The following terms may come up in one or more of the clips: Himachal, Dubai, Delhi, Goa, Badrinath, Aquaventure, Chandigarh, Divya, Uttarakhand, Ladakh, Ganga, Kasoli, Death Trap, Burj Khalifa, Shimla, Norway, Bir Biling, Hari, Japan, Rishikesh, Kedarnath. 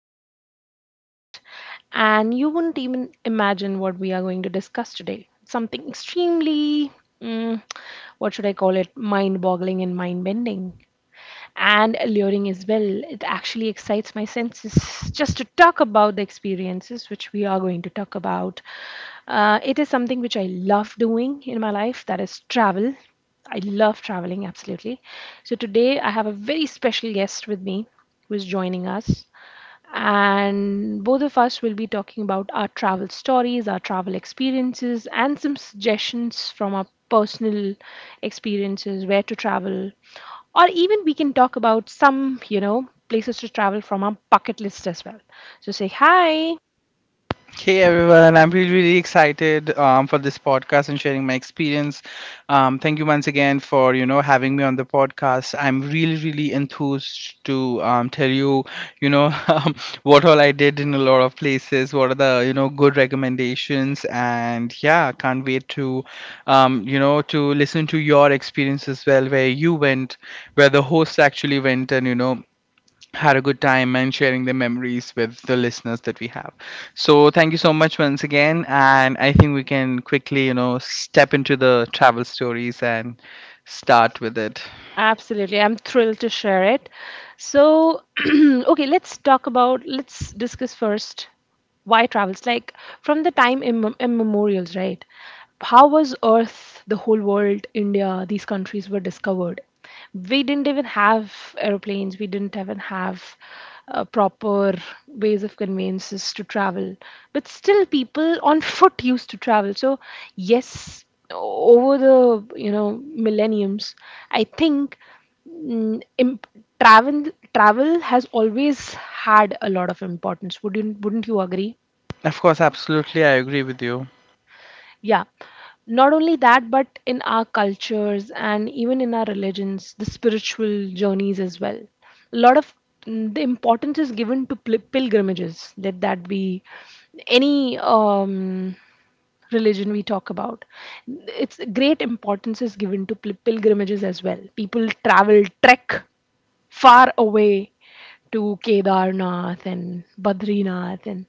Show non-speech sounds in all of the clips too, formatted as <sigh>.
to our podcast. And you wouldn't even imagine what we are going to discuss today. Something extremely, mm, what should I call it, mind boggling and mind bending and alluring as well. It actually excites my senses just to talk about the experiences which we are going to talk about. It is something which I love doing in my life that is travel. I love traveling absolutely. So today I have a very special guest with me who is joining us. And both of us will be talking about our travel stories, our travel experiences, and some suggestions from our personal experiences, where to travel, or even we can talk about some places to travel from our bucket list as well. So say hi. Hey everyone, I'm really excited for this podcast and sharing my experience. Thank you once again for having me on the podcast. I'm really enthused to tell you you know <laughs> what all I did in a lot of places. What are the good recommendations? And yeah, can't wait to to listen to your experience as well, where you went, where the host actually went, and had a good time and sharing their memories with the listeners that we have. So thank you so much once again, and I think we can quickly, step into the travel stories and start with it. Absolutely, I'm thrilled to share it. So <clears throat> okay, let's talk about let's discuss first. Why travels? Like, from the time immemorials, right? How was Earth, the whole world, India, these countries were discovered? We didn't even have aeroplanes. We didn't even have proper ways of conveyances to travel. But still, people on <laughs> foot used to travel. So yes, over the millenniums, I think mm, imp- travel travel has always had a lot of importance. Wouldn't you agree? Of course, absolutely, I agree with you. Yeah. Not only that, but in our cultures and even in our religions, the spiritual journeys as well. A lot of the importance is given to pilgrimages. Let that be any religion we talk about. It's great importance is given to pilgrimages as well. People travel, trek far away to Kedarnath and Badrinath and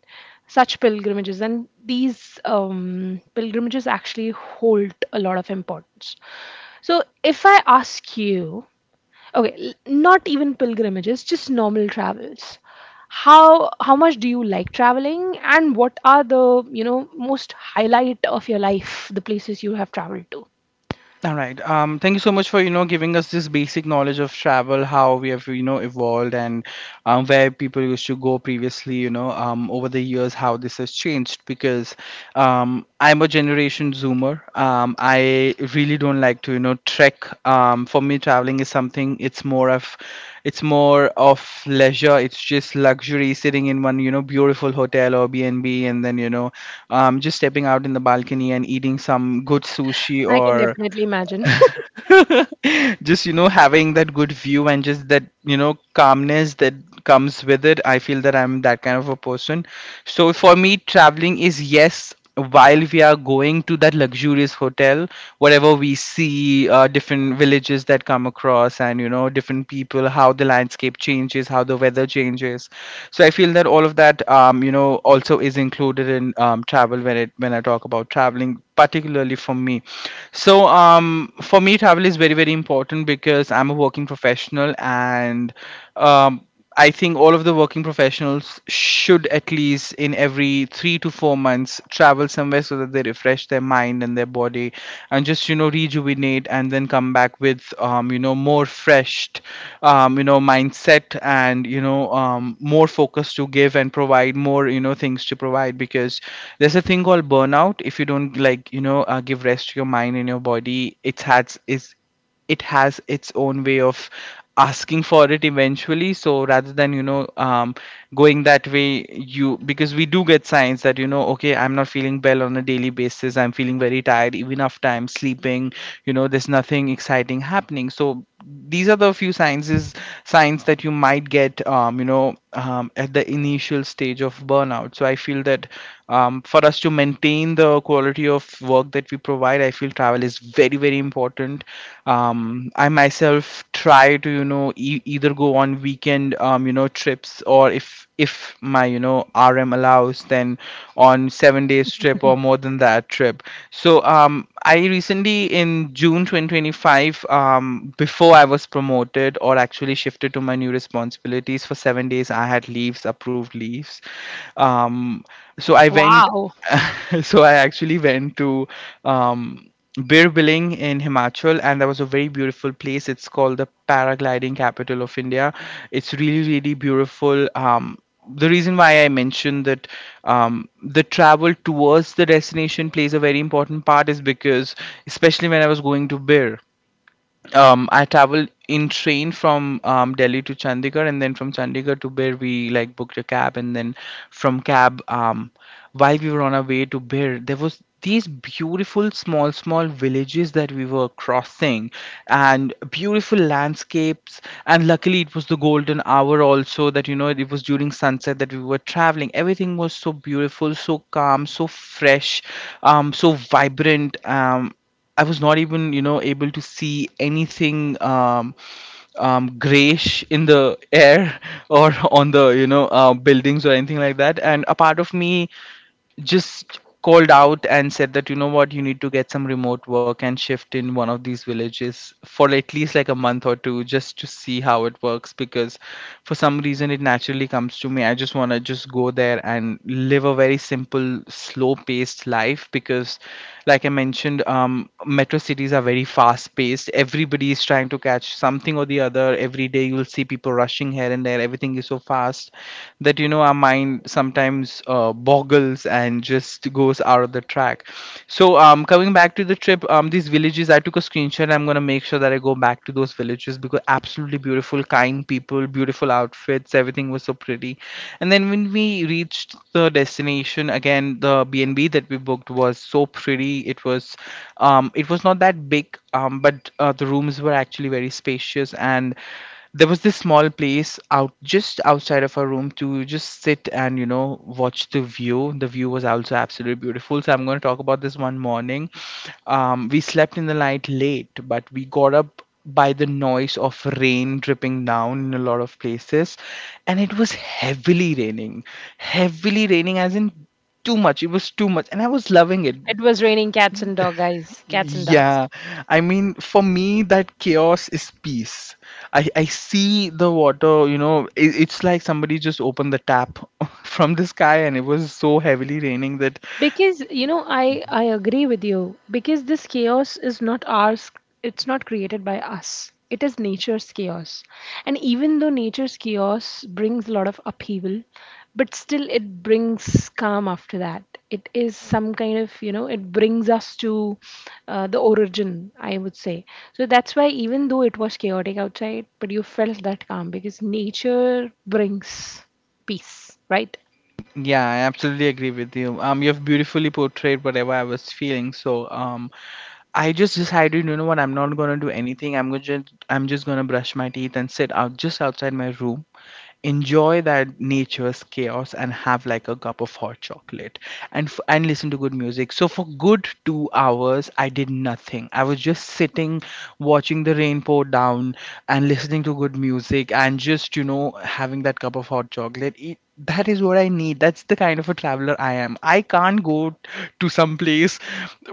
such pilgrimages. And these pilgrimages actually hold a lot of importance. So, if I ask you, okay, not even pilgrimages, just normal travels. How much do you like traveling, and what are the, most highlight of your life, the places you have traveled to? All right. Thank you so much for giving us this basic knowledge of travel, how we have evolved, and where people used to go previously. Over the years, how this has changed. Because I'm a generation Zoomer. I really don't like to trek. For me, traveling is something. It's more of leisure. It's just luxury, sitting in one beautiful hotel or B&B, and B, and then just stepping out in the balcony and eating some good sushi I can or definitely imagine. <laughs> <laughs> just having that good view and just that calmness that comes with it. I feel that I'm that kind of a person. So for me, traveling is, yes, while we are going to that luxurious hotel, whatever we see, different villages that come across, and different people, how the landscape changes, how the weather changes. So I feel that all of that, also is included in travel when it when I talk about traveling, particularly for me. So for me, travel is very important because I'm a working professional and um, I think all of the working professionals should at least in every 3 to 4 months travel somewhere so that they refresh their mind and their body and just rejuvenate and then come back with more freshed mindset, and more focus to give and provide, more things to provide, because there's a thing called burnout. If you don't like give rest to your mind and your body, it has its own way of asking for it eventually. So rather than going that way, you, because we do get signs that, okay, I'm not feeling well on a daily basis, I'm feeling very tired even after I'm sleeping, there's nothing exciting happening. So these are the few signs that you might get at the initial stage of burnout. So I feel that for us to maintain the quality of work that we provide, I feel travel is very important. I myself try to either go on weekend trips, or if my RM allows, then on 7 days trip or more than that trip. So I recently in June 2025, before I was promoted or actually shifted to my new responsibilities, for 7 days I had leaves, approved leaves. Um, so I went, Wow. <laughs> so I actually went to um, Bir Biling in Himachal, and that was a very beautiful place. It's called the paragliding capital of India. It's really, really beautiful. The reason why I mentioned that the travel towards the destination plays a very important part is because, especially when I was going to Bir, I traveled in train from Delhi to Chandigarh, and then from Chandigarh to Bir, we like booked a cab, and then from cab, while we were on our way to Bir, there was these beautiful small villages that we were crossing and beautiful landscapes. And luckily it was the golden hour also, that it was during sunset that we were traveling. Everything was so beautiful, so calm, so fresh, so vibrant. I was not even, you know, able to see anything grayish in the air <laughs> or on the, you know, buildings or anything like that. And a part of me just called out and said that, you know what, you need to get some remote work and shift in one of these villages for at least like a month or two, just to see how it works, because for some reason it naturally comes to me. I just want to just go there and live a very simple, slow paced life. Because like I mentioned, metro cities are very fast paced. Everybody is trying to catch something or the other every day. You will see people rushing here and there. Everything is so fast that our mind sometimes boggles and just goes out of the track. So coming back to the trip, these villages, I took a screenshot. I'm going to make sure that I go back to those villages, because absolutely beautiful, kind people, beautiful outfits, everything was so pretty. And then when we reached the destination, again, the BnB that we booked was so pretty. It was not that big, but the rooms were actually very spacious, and there was this small place out just outside of our room to just sit and watch the view. The view was also absolutely beautiful. So I'm going to talk about this one morning. We slept in the night late, but we got up by the noise of rain dripping down in a lot of places, and it was heavily raining as in too much. It was too much, and I was loving it. It was raining cats and dog, guys. Cats and dog. Yeah, I mean, for me, that chaos is peace. I see the water. You know, it's like somebody just opened the tap <laughs> from the sky, and it was so heavily raining that. Because I agree with you, because this chaos is not ours. It's not created by us. It is nature's chaos. And even though nature's chaos brings a lot of upheaval, but still it brings calm after that. It is some kind of, it brings us to the origin, I would say. So that's why even though it was chaotic outside, but you felt that calm, because nature brings peace, right? Yeah, I absolutely agree with you. You have beautifully portrayed whatever I was feeling. So, I just decided, you know what, I'm not gonna do anything. I'm just gonna brush my teeth and sit out just outside my room, enjoy that nature's chaos, and have like a cup of hot chocolate, and listen to good music. So for good 2 hours, I did nothing. I was just sitting, watching the rain pour down, and listening to good music, and just having that cup of hot chocolate. That is what I need. That's the kind of a traveler I am. I can't go to some place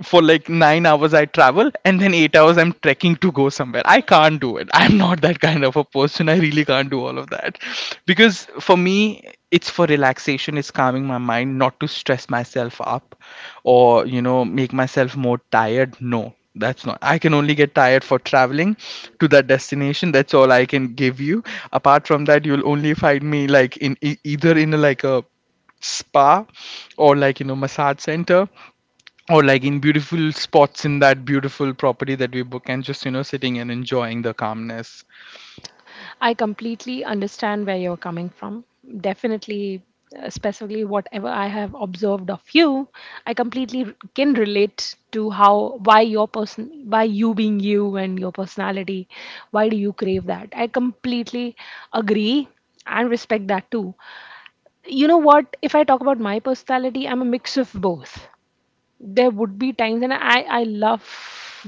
for like 9 hours I travel and then 8 hours I'm trekking to go somewhere. I can't do it. I'm not that kind of a person. I really can't do all of that. Because for me, it's for relaxation, it's calming my mind, not to stress myself up or make myself more tired. No, that's not, I can only get tired for traveling to that destination. That's all I can give you. Apart from that, you'll only find me like in either in a, like a spa, or like massage center, or like in beautiful spots in that beautiful property that we book, and just sitting and enjoying the calmness. I completely understand where you're coming from. Definitely, specifically, whatever I have observed of you, I completely can relate to how, why your person, why you being you and your personality, why do you crave that? I completely agree and respect that too. You know what? If I talk about my personality, I'm a mix of both. There would be times, and I love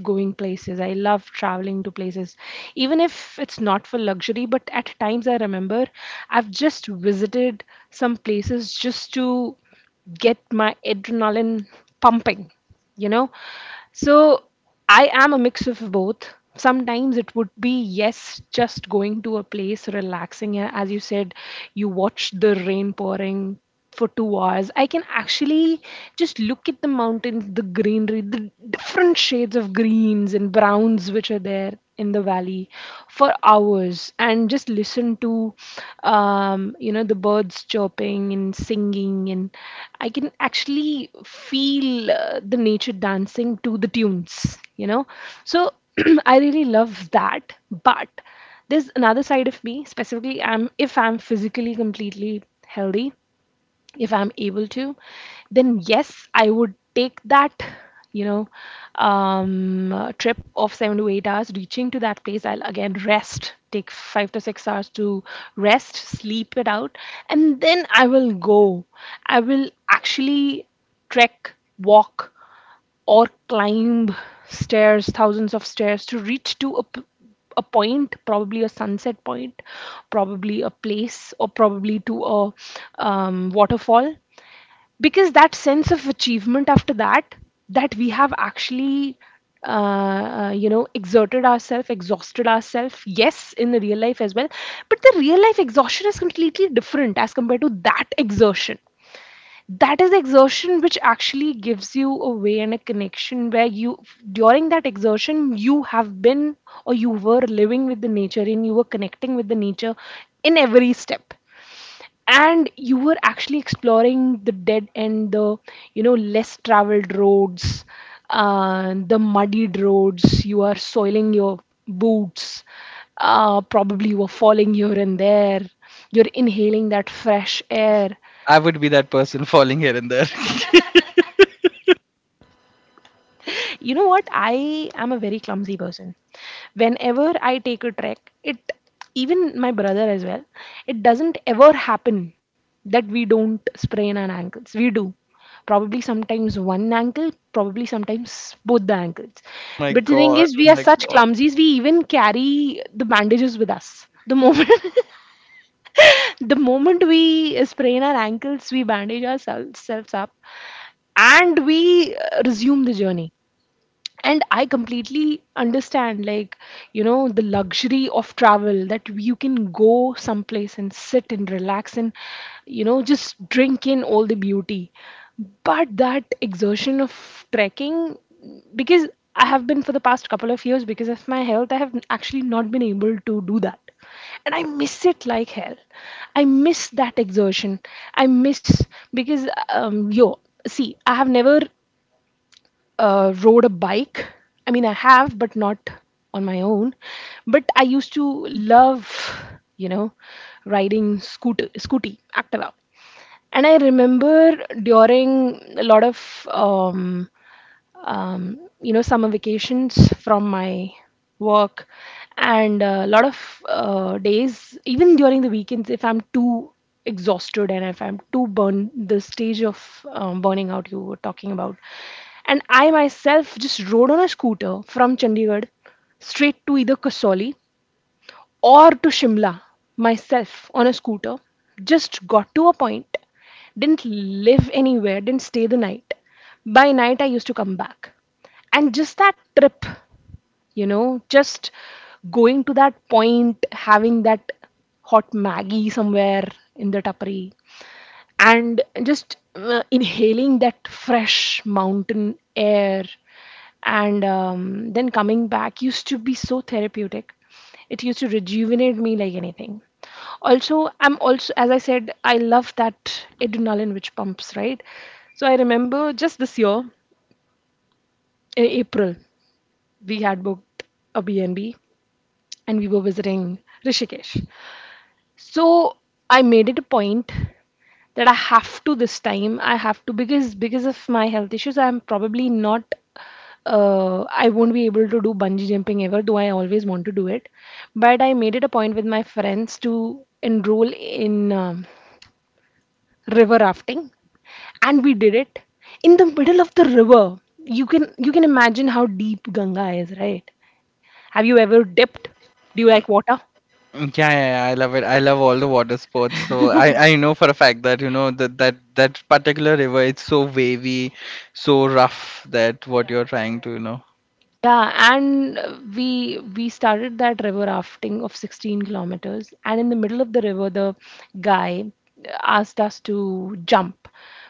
going places. I love traveling to places, even if it's not for luxury. But at times, I remember I've just visited some places just to get my adrenaline pumping, you know so I am a mix of both. Sometimes it would be, yes, just going to a place, relaxing. As you said, you watch the rain pouring for 2 hours. I can actually just look at the mountains, the greenery, the different shades of greens and browns which are there in the valley for hours and just listen to the birds chirping and singing. And I can actually feel the nature dancing to the tunes, so <clears throat> I really love that. But there's another side of me, specifically. I'm if i'm physically completely healthy, if I'm able to, then yes, I would take that you know trip of 7 to 8 hours reaching to that place. I'll again rest, take 5 to 6 hours to rest, sleep it out, and then I will actually trek, walk, or climb stairs, thousands of stairs to reach to a a point, probably a sunset point, probably a place, or probably to a waterfall. Because that sense of achievement after that, that we have actually exerted ourselves, exhausted ourselves, yes, in the real life as well, but the real life exhaustion is completely different as compared to that exertion. That is the exertion which actually gives you a way and a connection where, you during that exertion, you have been or you were living with the nature. And you were connecting with the nature in every step, and you were actually exploring the dead end, the less traveled roads, the muddied roads. You are soiling your boots. Probably you were falling here and there. You're inhaling that fresh air. I would be that person <laughs> falling here and there. You know what? I am a very clumsy person. Whenever I take a trek, it even my brother as well, it doesn't ever happen that we don't sprain our ankles. We do. Probably sometimes one ankle, probably sometimes both the ankles. <laughs> My But the thing god, is, we oh are my such god. clumsies, we even carry the bandages with us. The moment <laughs> the moment we sprain our ankles, we bandage ourselves selves up, and we resume the journey. And I completely understand, like, the luxury of travel, that you can go someplace and sit and relax and just drink in all the beauty. But that exertion of trekking, because I have been for the past couple of years, because of my health, I have actually not been able to do that, and I miss it like hell. I miss that exertion. I miss, because yo see, I have never rode a bike. I mean, I have, but not on my own. But I used to love, you know, riding scooter, scooty, Activa. And I remember during a lot of summer vacations from my work, and a lot of days even during the weekends, if I'm too exhausted and if I'm too burned, the stage of burning out you were talking about, and I myself just rode on a scooter from Chandigarh straight to either Kasoli or to Shimla, myself on a scooter. Just got to a point, didn't live anywhere, didn't stay the night. By night, I used to come back. And just that trip, you know, just going to that point, having that hot Maggie somewhere in the tapri, and just inhaling that fresh mountain air, and then coming back used to be so therapeutic. It used to rejuvenate me like anything. Also, I'm also, as I said, I love that adrenaline which pumps, right? So I remember, just this year in April, we had booked a B&B, and we were visiting Rishikesh. So I made it a point that I have to, this time. I have to, because of my health issues, I'm probably not. I won't be able to do bungee jumping ever, though I always want to do it. But I made it a point with my friends to enroll in river rafting, and we did it in the middle of the river. You can imagine how deep Ganga is, right? Have you ever dipped? Do you like water? Yeah, yeah, yeah, I love it. I love all the water sports. So I know for a fact that that that particular river, it's so wavy, so rough that what. Yeah, you're trying to you know. Yeah, and we started that river rafting of 16 kilometers, and in the middle of the river, the guy asked us to jump.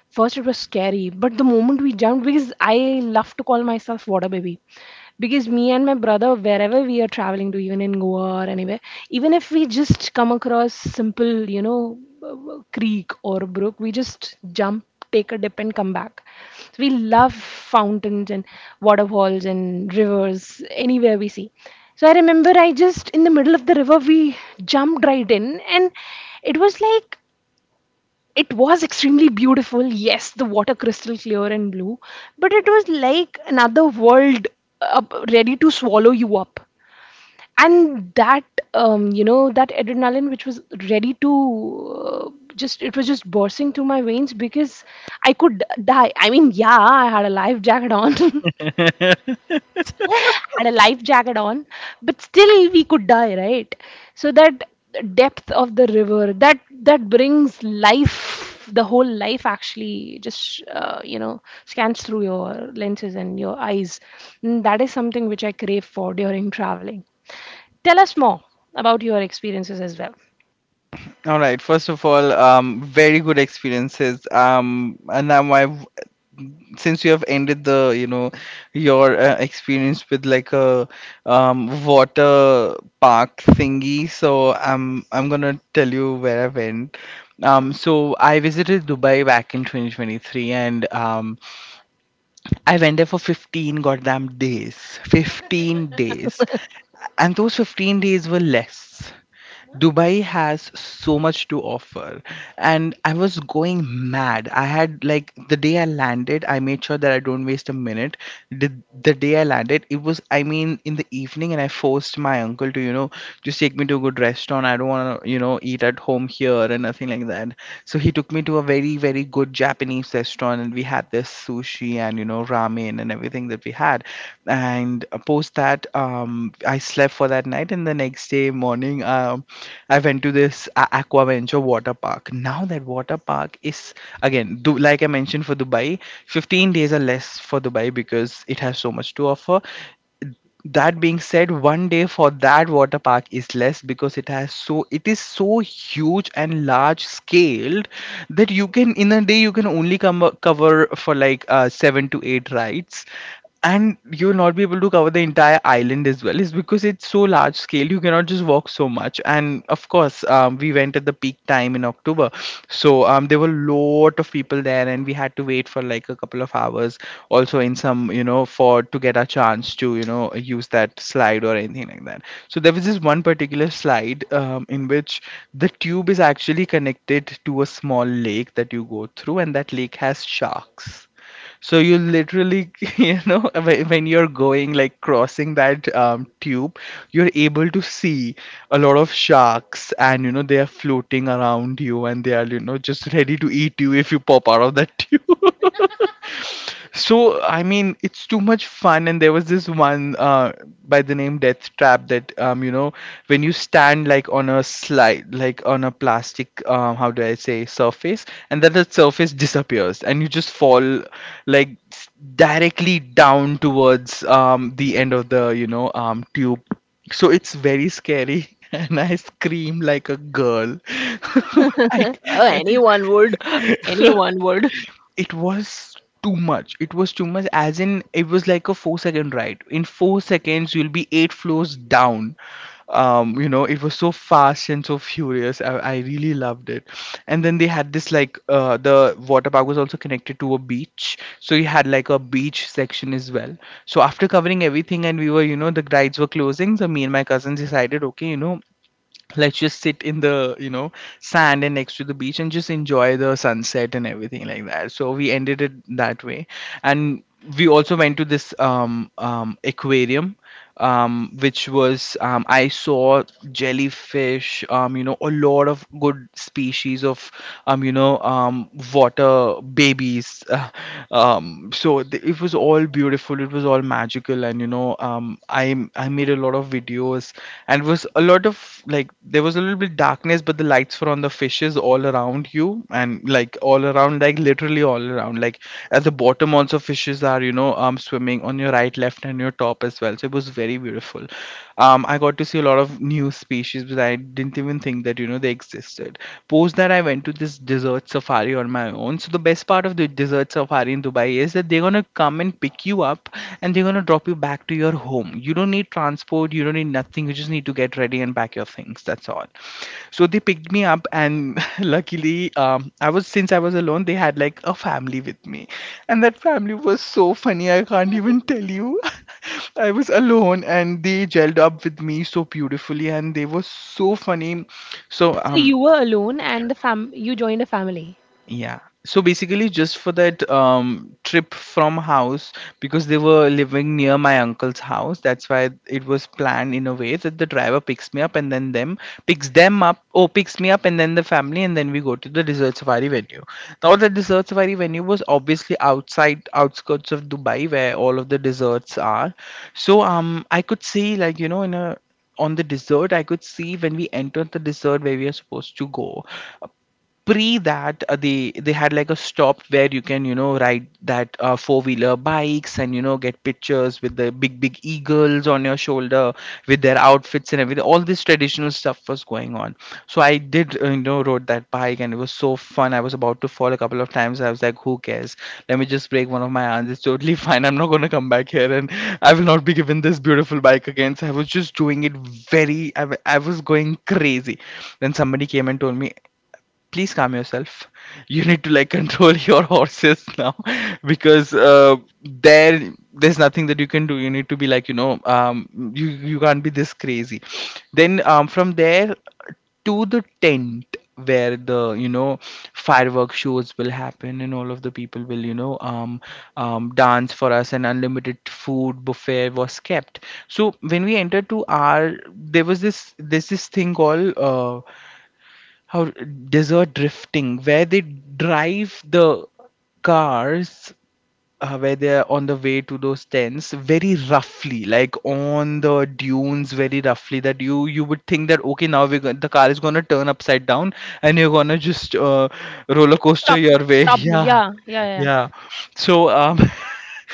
First, it was scary, but the moment we jumped, because I love to call myself water baby. Because me and my brother, wherever we are traveling to, even in Goa or anywhere, even if we just come across simple, creek or brook, we just jump, take a dip, and come back. So we love fountains and waterfalls and rivers anywhere we see. So I remember, I just, in the middle of the river, we jumped right in, and it was like it was extremely beautiful. Yes, the water crystal clear and blue, but it was like another world up, ready to swallow you up. And that you know that adrenaline which was ready to, uh, just it was just bursting through my veins, because I could die. I mean, yeah, I had a life jacket on. <laughs> <laughs> Had a life jacket on, but still we could die, right? So that depth of the river that brings life, the whole life actually just scans through your lenses and your eyes. And that is something which I crave for during traveling. Tell us more about your experiences as well. All right. First of all, very good experiences. And now my, since you have ended the your experience with like a water park thingy, so I'm gonna tell you where I went. So I visited Dubai back in 2023, and I went there for 15 goddamn days. 15 days. And those 15 days were less. Dubai has so much to offer. And I was going mad. I had, like, the day I landed, I made sure that I don't waste a minute. The, the day I landed, it was, I mean, in the evening, and I forced my uncle to, you know, just take me to a good restaurant. I don't want to, you know, eat at home here and nothing like that. So he took me to a very good Japanese restaurant, and we had this sushi and ramen and everything that we had. And post that, I slept for that night, and the next day morning, I went to this Aquaventure water park. Now that water park is again, like I mentioned for Dubai, 15 days or less for Dubai because it has so much to offer. That being said, one day for that water park is less because it has so it is so huge and large scaled that you can in a day you can only come cover for like 7 to 8 rides, and you'll not be able to cover the entire island as well. Is because it's so large scale, you cannot just walk so much. And of course, we went at the peak time in October. So there were lot of people there, and we had to wait for like a couple of hours also in some, for to get a chance to use that slide or anything like that. So there was this one particular slide, in which the tube is actually connected to a small lake that you go through, and that lake has sharks. So you literally <laughs> when you're going like crossing that tube, you're able to see a lot of sharks, and they are floating around you and they are, just ready to eat you if you pop out of that <laughs> tube. So I mean, it's too much fun. And there was this one by the name Death Trap, that, when you stand like on a slide, like on a plastic, how do I say, surface, and then the surface disappears, and you just fall like directly down towards the end of the, tube. So it's very scary, <laughs> and I scream like a girl. <laughs> I, Anyone would. <laughs> <laughs> Anyone would. it was too much. It was too much as in it was like a 4 second ride. In 4 seconds, you'll be 8 floors down. You know, it was so fast and so furious. I really loved it. And then they had this like, the water park was also connected to a beach, so you had like a beach section as well. So after covering everything, and we were, the rides were closing, so me and my cousins decided, okay, let's just sit in the, sand and next to the beach and just enjoy the sunset and everything like that. So we ended it that way. And we also went to this aquarium, which was, I saw jellyfish, a lot of good species of, water babies. <laughs> So it was all beautiful, it was all magical. And you know know um i i made a lot of videos. And was a lot of, like, there was a little bit darkness, but the lights were on, the fishes all around you, and like all around, like literally all around, like at the bottom also fishes are, swimming on your right, left, and your top as well. So it was very beautiful. I got to see a lot of new species, but I didn't even think that, they existed. Post that, I went to this desert safari on my own. So the best part of the deserts of Hari in Dubai is that they're gonna come and pick you up, and they're gonna drop you back to your home. You don't need transport, you don't need nothing, you just need to get ready and pack your things. That's all. So they picked me up, and <laughs> luckily, I was, since I was alone, they had like a family with me. And that family was so funny, I can't even tell you. <laughs> I was alone, and they gelled up with me so beautifully, and they were so funny. So So you were alone, and the fam you joined a family. yeah. So basically, just for that trip from house, because they were living near my uncle's house, that's why it was planned in a way that the driver picks me up and then them, picks them up, or picks me up and then the family, and then we go to the desert safari venue. Now the desert safari venue was obviously outside, outskirts of Dubai, where all of the deserts are. So I could see like, in a, on the desert, I could see, when we entered the desert where we are supposed to go, pre that, they had like a stop where you can, ride that, four wheeler bikes and, get pictures with the big big eagles on your shoulder with their outfits and everything, all this traditional stuff was going on. So I did, rode that bike, and it was so fun. I was about to fall a couple of times. I was like, who cares, let me just break one of my arms, it's totally <laughs> fine. I'm not going to come back here, and I will not be given this beautiful bike again, so I was just doing it very, I was going crazy. Then somebody came and told me, please calm yourself, you need to like control <laughs> your horses now. <laughs> Because there's nothing that you can do, you need to be like, you can't be this crazy. Then from there to the tent where the, firework shows will happen and all of the people will, dance for us, and unlimited food buffet was kept. So when we entered to our, there was this, there's this thing called, how, desert drifting, where they drive the cars, where they're on the way to those tents very roughly, like on the dunes very roughly, that you, would think that, okay, now we're going, the car is going to turn upside down and you're going to just, roller coaster Top, your way. top, <laughs> Yeah, yeah, yeah, yeah. yeah. So <laughs>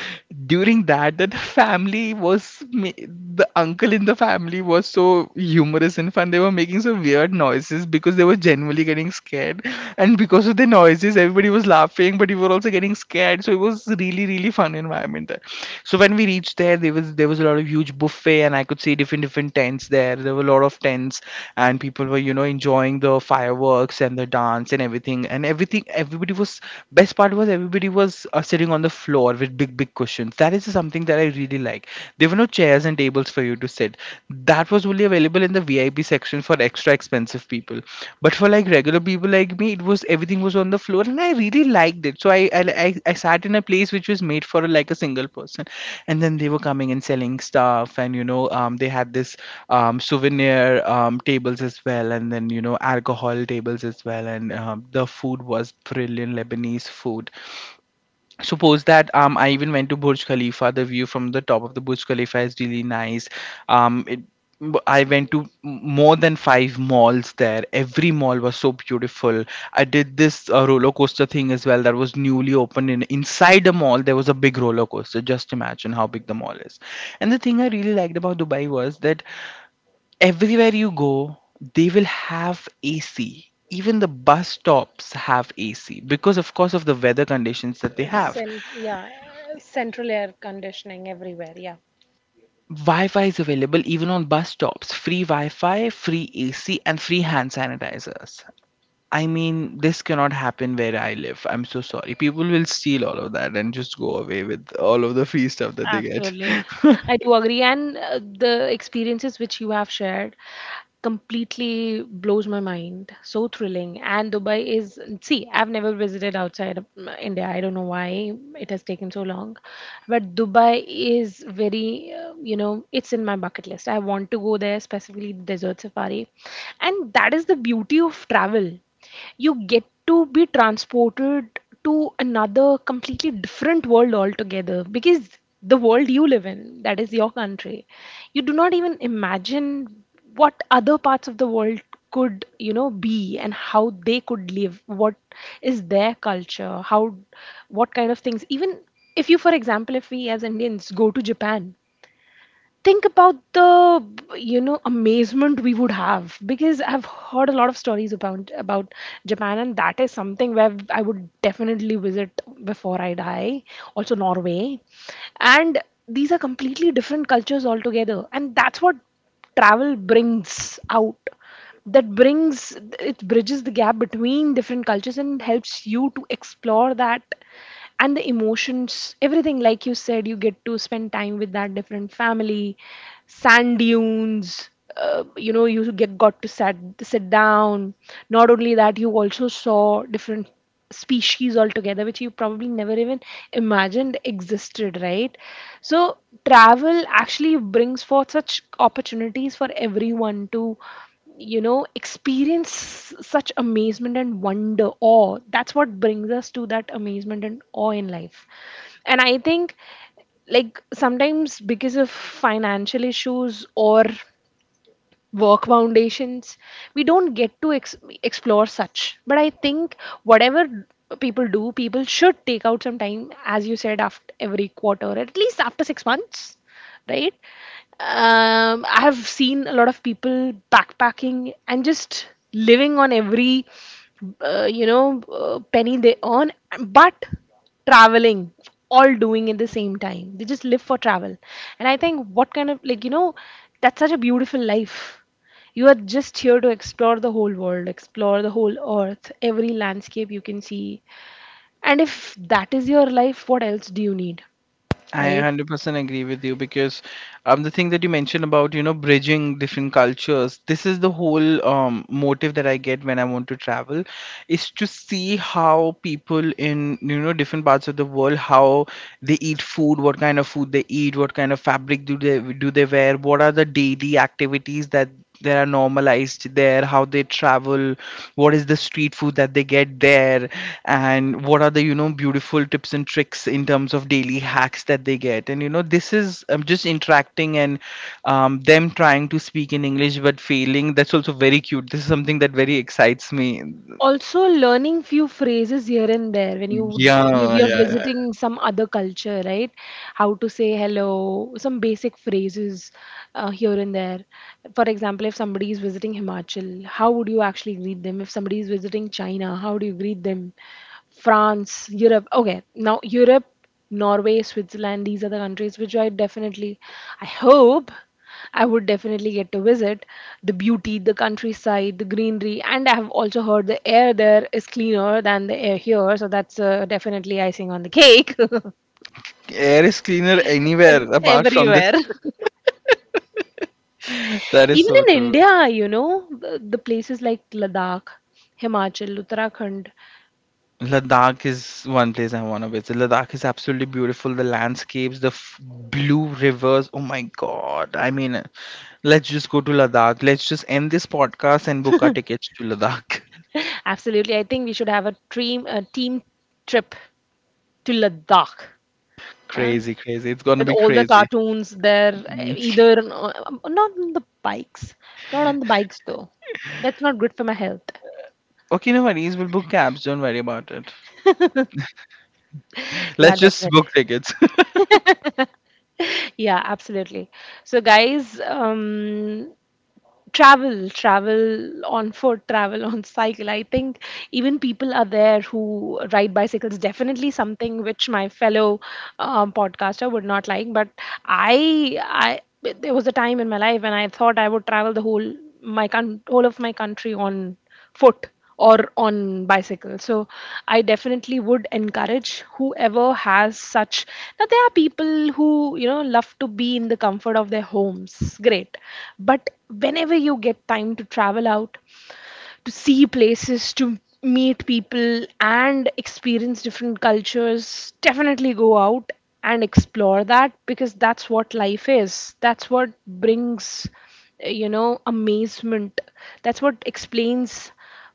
during that the family was, the uncle in the family was so humorous and fun. They were making so weird noises because they were genuinely getting scared, and because of the noises everybody was laughing, but we were also getting scared. So it was really really fun environment there. So when we reached there, there was a lot of huge buffet, and I could see different different tents there, there were a lot of tents, and people were, enjoying the fireworks and the dance and everything. And everything everybody was, best part was, everybody was, sitting on the floor with big, big cushions. That is something that I really like. There were no chairs and tables for you to sit. That was only available in the VIP section for extra expensive people. But for like regular people like me, it was, everything was on the floor, and I really liked it. So I sat in a place which was made for like a single person, and then they were coming and selling stuff, and they had this souvenir tables as well, and then, alcohol tables as well, and the food was brilliant, Lebanese food. Suppose that, I even went to Burj Khalifa. The view from the top of the Burj Khalifa is really nice. um it, I went to more than 5 malls there. Every mall was so beautiful. I did this, roller coaster thing as well, that was newly opened in, inside the mall. There was a big roller coaster, just imagine how big the mall is. And the thing I really liked about Dubai was that everywhere you go, they will have AC. Even the bus stops have AC, because of course of the weather conditions that they It's have. in, yeah, central air conditioning everywhere. Yeah. Wi-Fi is available even on bus stops. Free Wi-Fi, free AC, and free hand sanitizers. I mean, this cannot happen where I live. I'm so sorry. People will steal all of that and just go away with all of the free stuff that they get. Absolutely. <laughs> I do agree. And the experiences which you have shared completely blows my mind. So thrilling. And Dubai is, see, I've never visited outside of India. I don't know why it has taken so long. But Dubai is very, it's in my bucket list. I want to go there, specifically desert safari. And that is the beauty of travel. You get to be transported to another completely different world altogether, because the world you live in, that is your country, you do not even imagine what other parts of the world could, be, and how they could live, what is their culture, how, what kind of things. Even if you, for example, if we as Indians go to Japan, think about the amazement we would have, because I've heard a lot of stories about Japan, and that is something where I would definitely visit before I die. Also Norway. And these are completely different cultures altogether, and that's what travel brings out. That brings, it bridges the gap between different cultures and helps you to explore that, and the emotions, everything, like you said. You get to spend time with that different family, sand dunes. Uh, you know you get got to sat sit down. Not only that, you also saw different species altogether which you probably never even imagined existed, right? So travel actually brings forth such opportunities for everyone to, experience such amazement and wonder, awe. That's what brings us to that amazement and awe in life. And I think, like, sometimes because of financial issues or work foundations we don't get to explore such. But I think, whatever people do, people should take out some time, as you said, after every quarter, at least after 6 months, right? I have seen a lot of people backpacking and just living on every penny they earn. But traveling, all doing at the same time, they just live for travel. And I think, what kind of, that's such a beautiful life. You are just here to explore the whole world, explore the whole earth, every landscape you can see. And if that is your life, what else do you need? I Right. 100% agree with you, because the thing that you mentioned about, you know, bridging different cultures, this is the whole motive that I get when I want to travel, is to see how people in, you know, different parts of the world, how they eat food, what kind of food they eat, what kind of fabric do they wear, what are the daily activities that are normalized there, how they travel, what is the street food that they get there, and what are the, you know, beautiful tips and tricks in terms of daily hacks that they get. And you know, this is, just interacting, and them trying to speak in English but failing, that's also very cute, this is something that very excites me. Also, learning few phrases here and there when you, we we are Yeah, visiting some other culture, right? How to say hello, some basic phrases here and there. For example, if somebody is visiting Himachal, how would you actually greet them? If somebody is visiting China, how do you greet them? France, Europe. Okay, now Europe, Norway, Switzerland, these are the countries which I definitely, I hope, I would definitely get to visit. The beauty, the countryside, the greenery. And I have also heard the air there is cleaner than the air here, so that's definitely icing on the cake. <laughs> yeah. Air is cleaner anywhere apart from this. Everywhere. <laughs> That is Even so in true. India, you know, the places like Ladakh, Himachal, Uttarakhand. Ladakh is one place I want to visit. Ladakh is absolutely beautiful. The landscapes, the blue rivers. Oh my god! I mean, let's just go to Ladakh. Let's just end this podcast and book our tickets to Ladakh. <laughs> Absolutely, I think we should have a dream, a team trip to Ladakh. <laughs> Huh? Crazy, crazy. It's gonna With be all the crazy. cartoons there, Mm. either not on the bikes, not on the bikes though, that's not good for my health. Okay, no worries. We'll book cabs. Don't worry about it. Yeah, Let's just definitely. book tickets. <laughs> Yeah, absolutely. So guys, travel, travel on foot, travel on <laughs> cycle, I think. Even people are there who ride bicycles, definitely something which my fellow podcaster would not like. But i I there was a time in my life when I thought I would travel the whole, my whole of my country on foot or on bicycle. So I definitely would encourage whoever has such. Now there are people who, you know, love to be in the comfort of their homes, great, but whenever you get time to travel out, to see places, to meet people, and experience different cultures, definitely go out and explore that, because that's what life is. That's what brings, amazement. That's what explains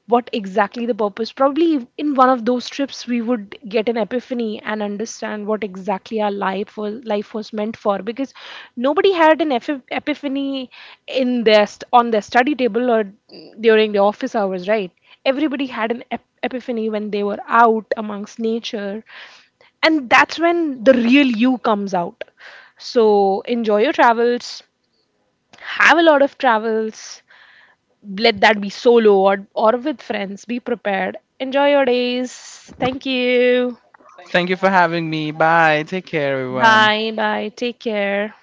what exactly the purpose. Probably in one of those trips, we would get an epiphany and understand what exactly our life was meant for. Because nobody had an epiphany in their on their study table, or during the office hours, right? Everybody had an epiphany when they were out amongst nature, and that's when the real you comes out. So enjoy your travels, have a lot of travels, let that be solo or with friends, be prepared, enjoy your days. Thank you. <laughs> Thank you for having me. Bye. Take care, everyone. Bye bye, take care.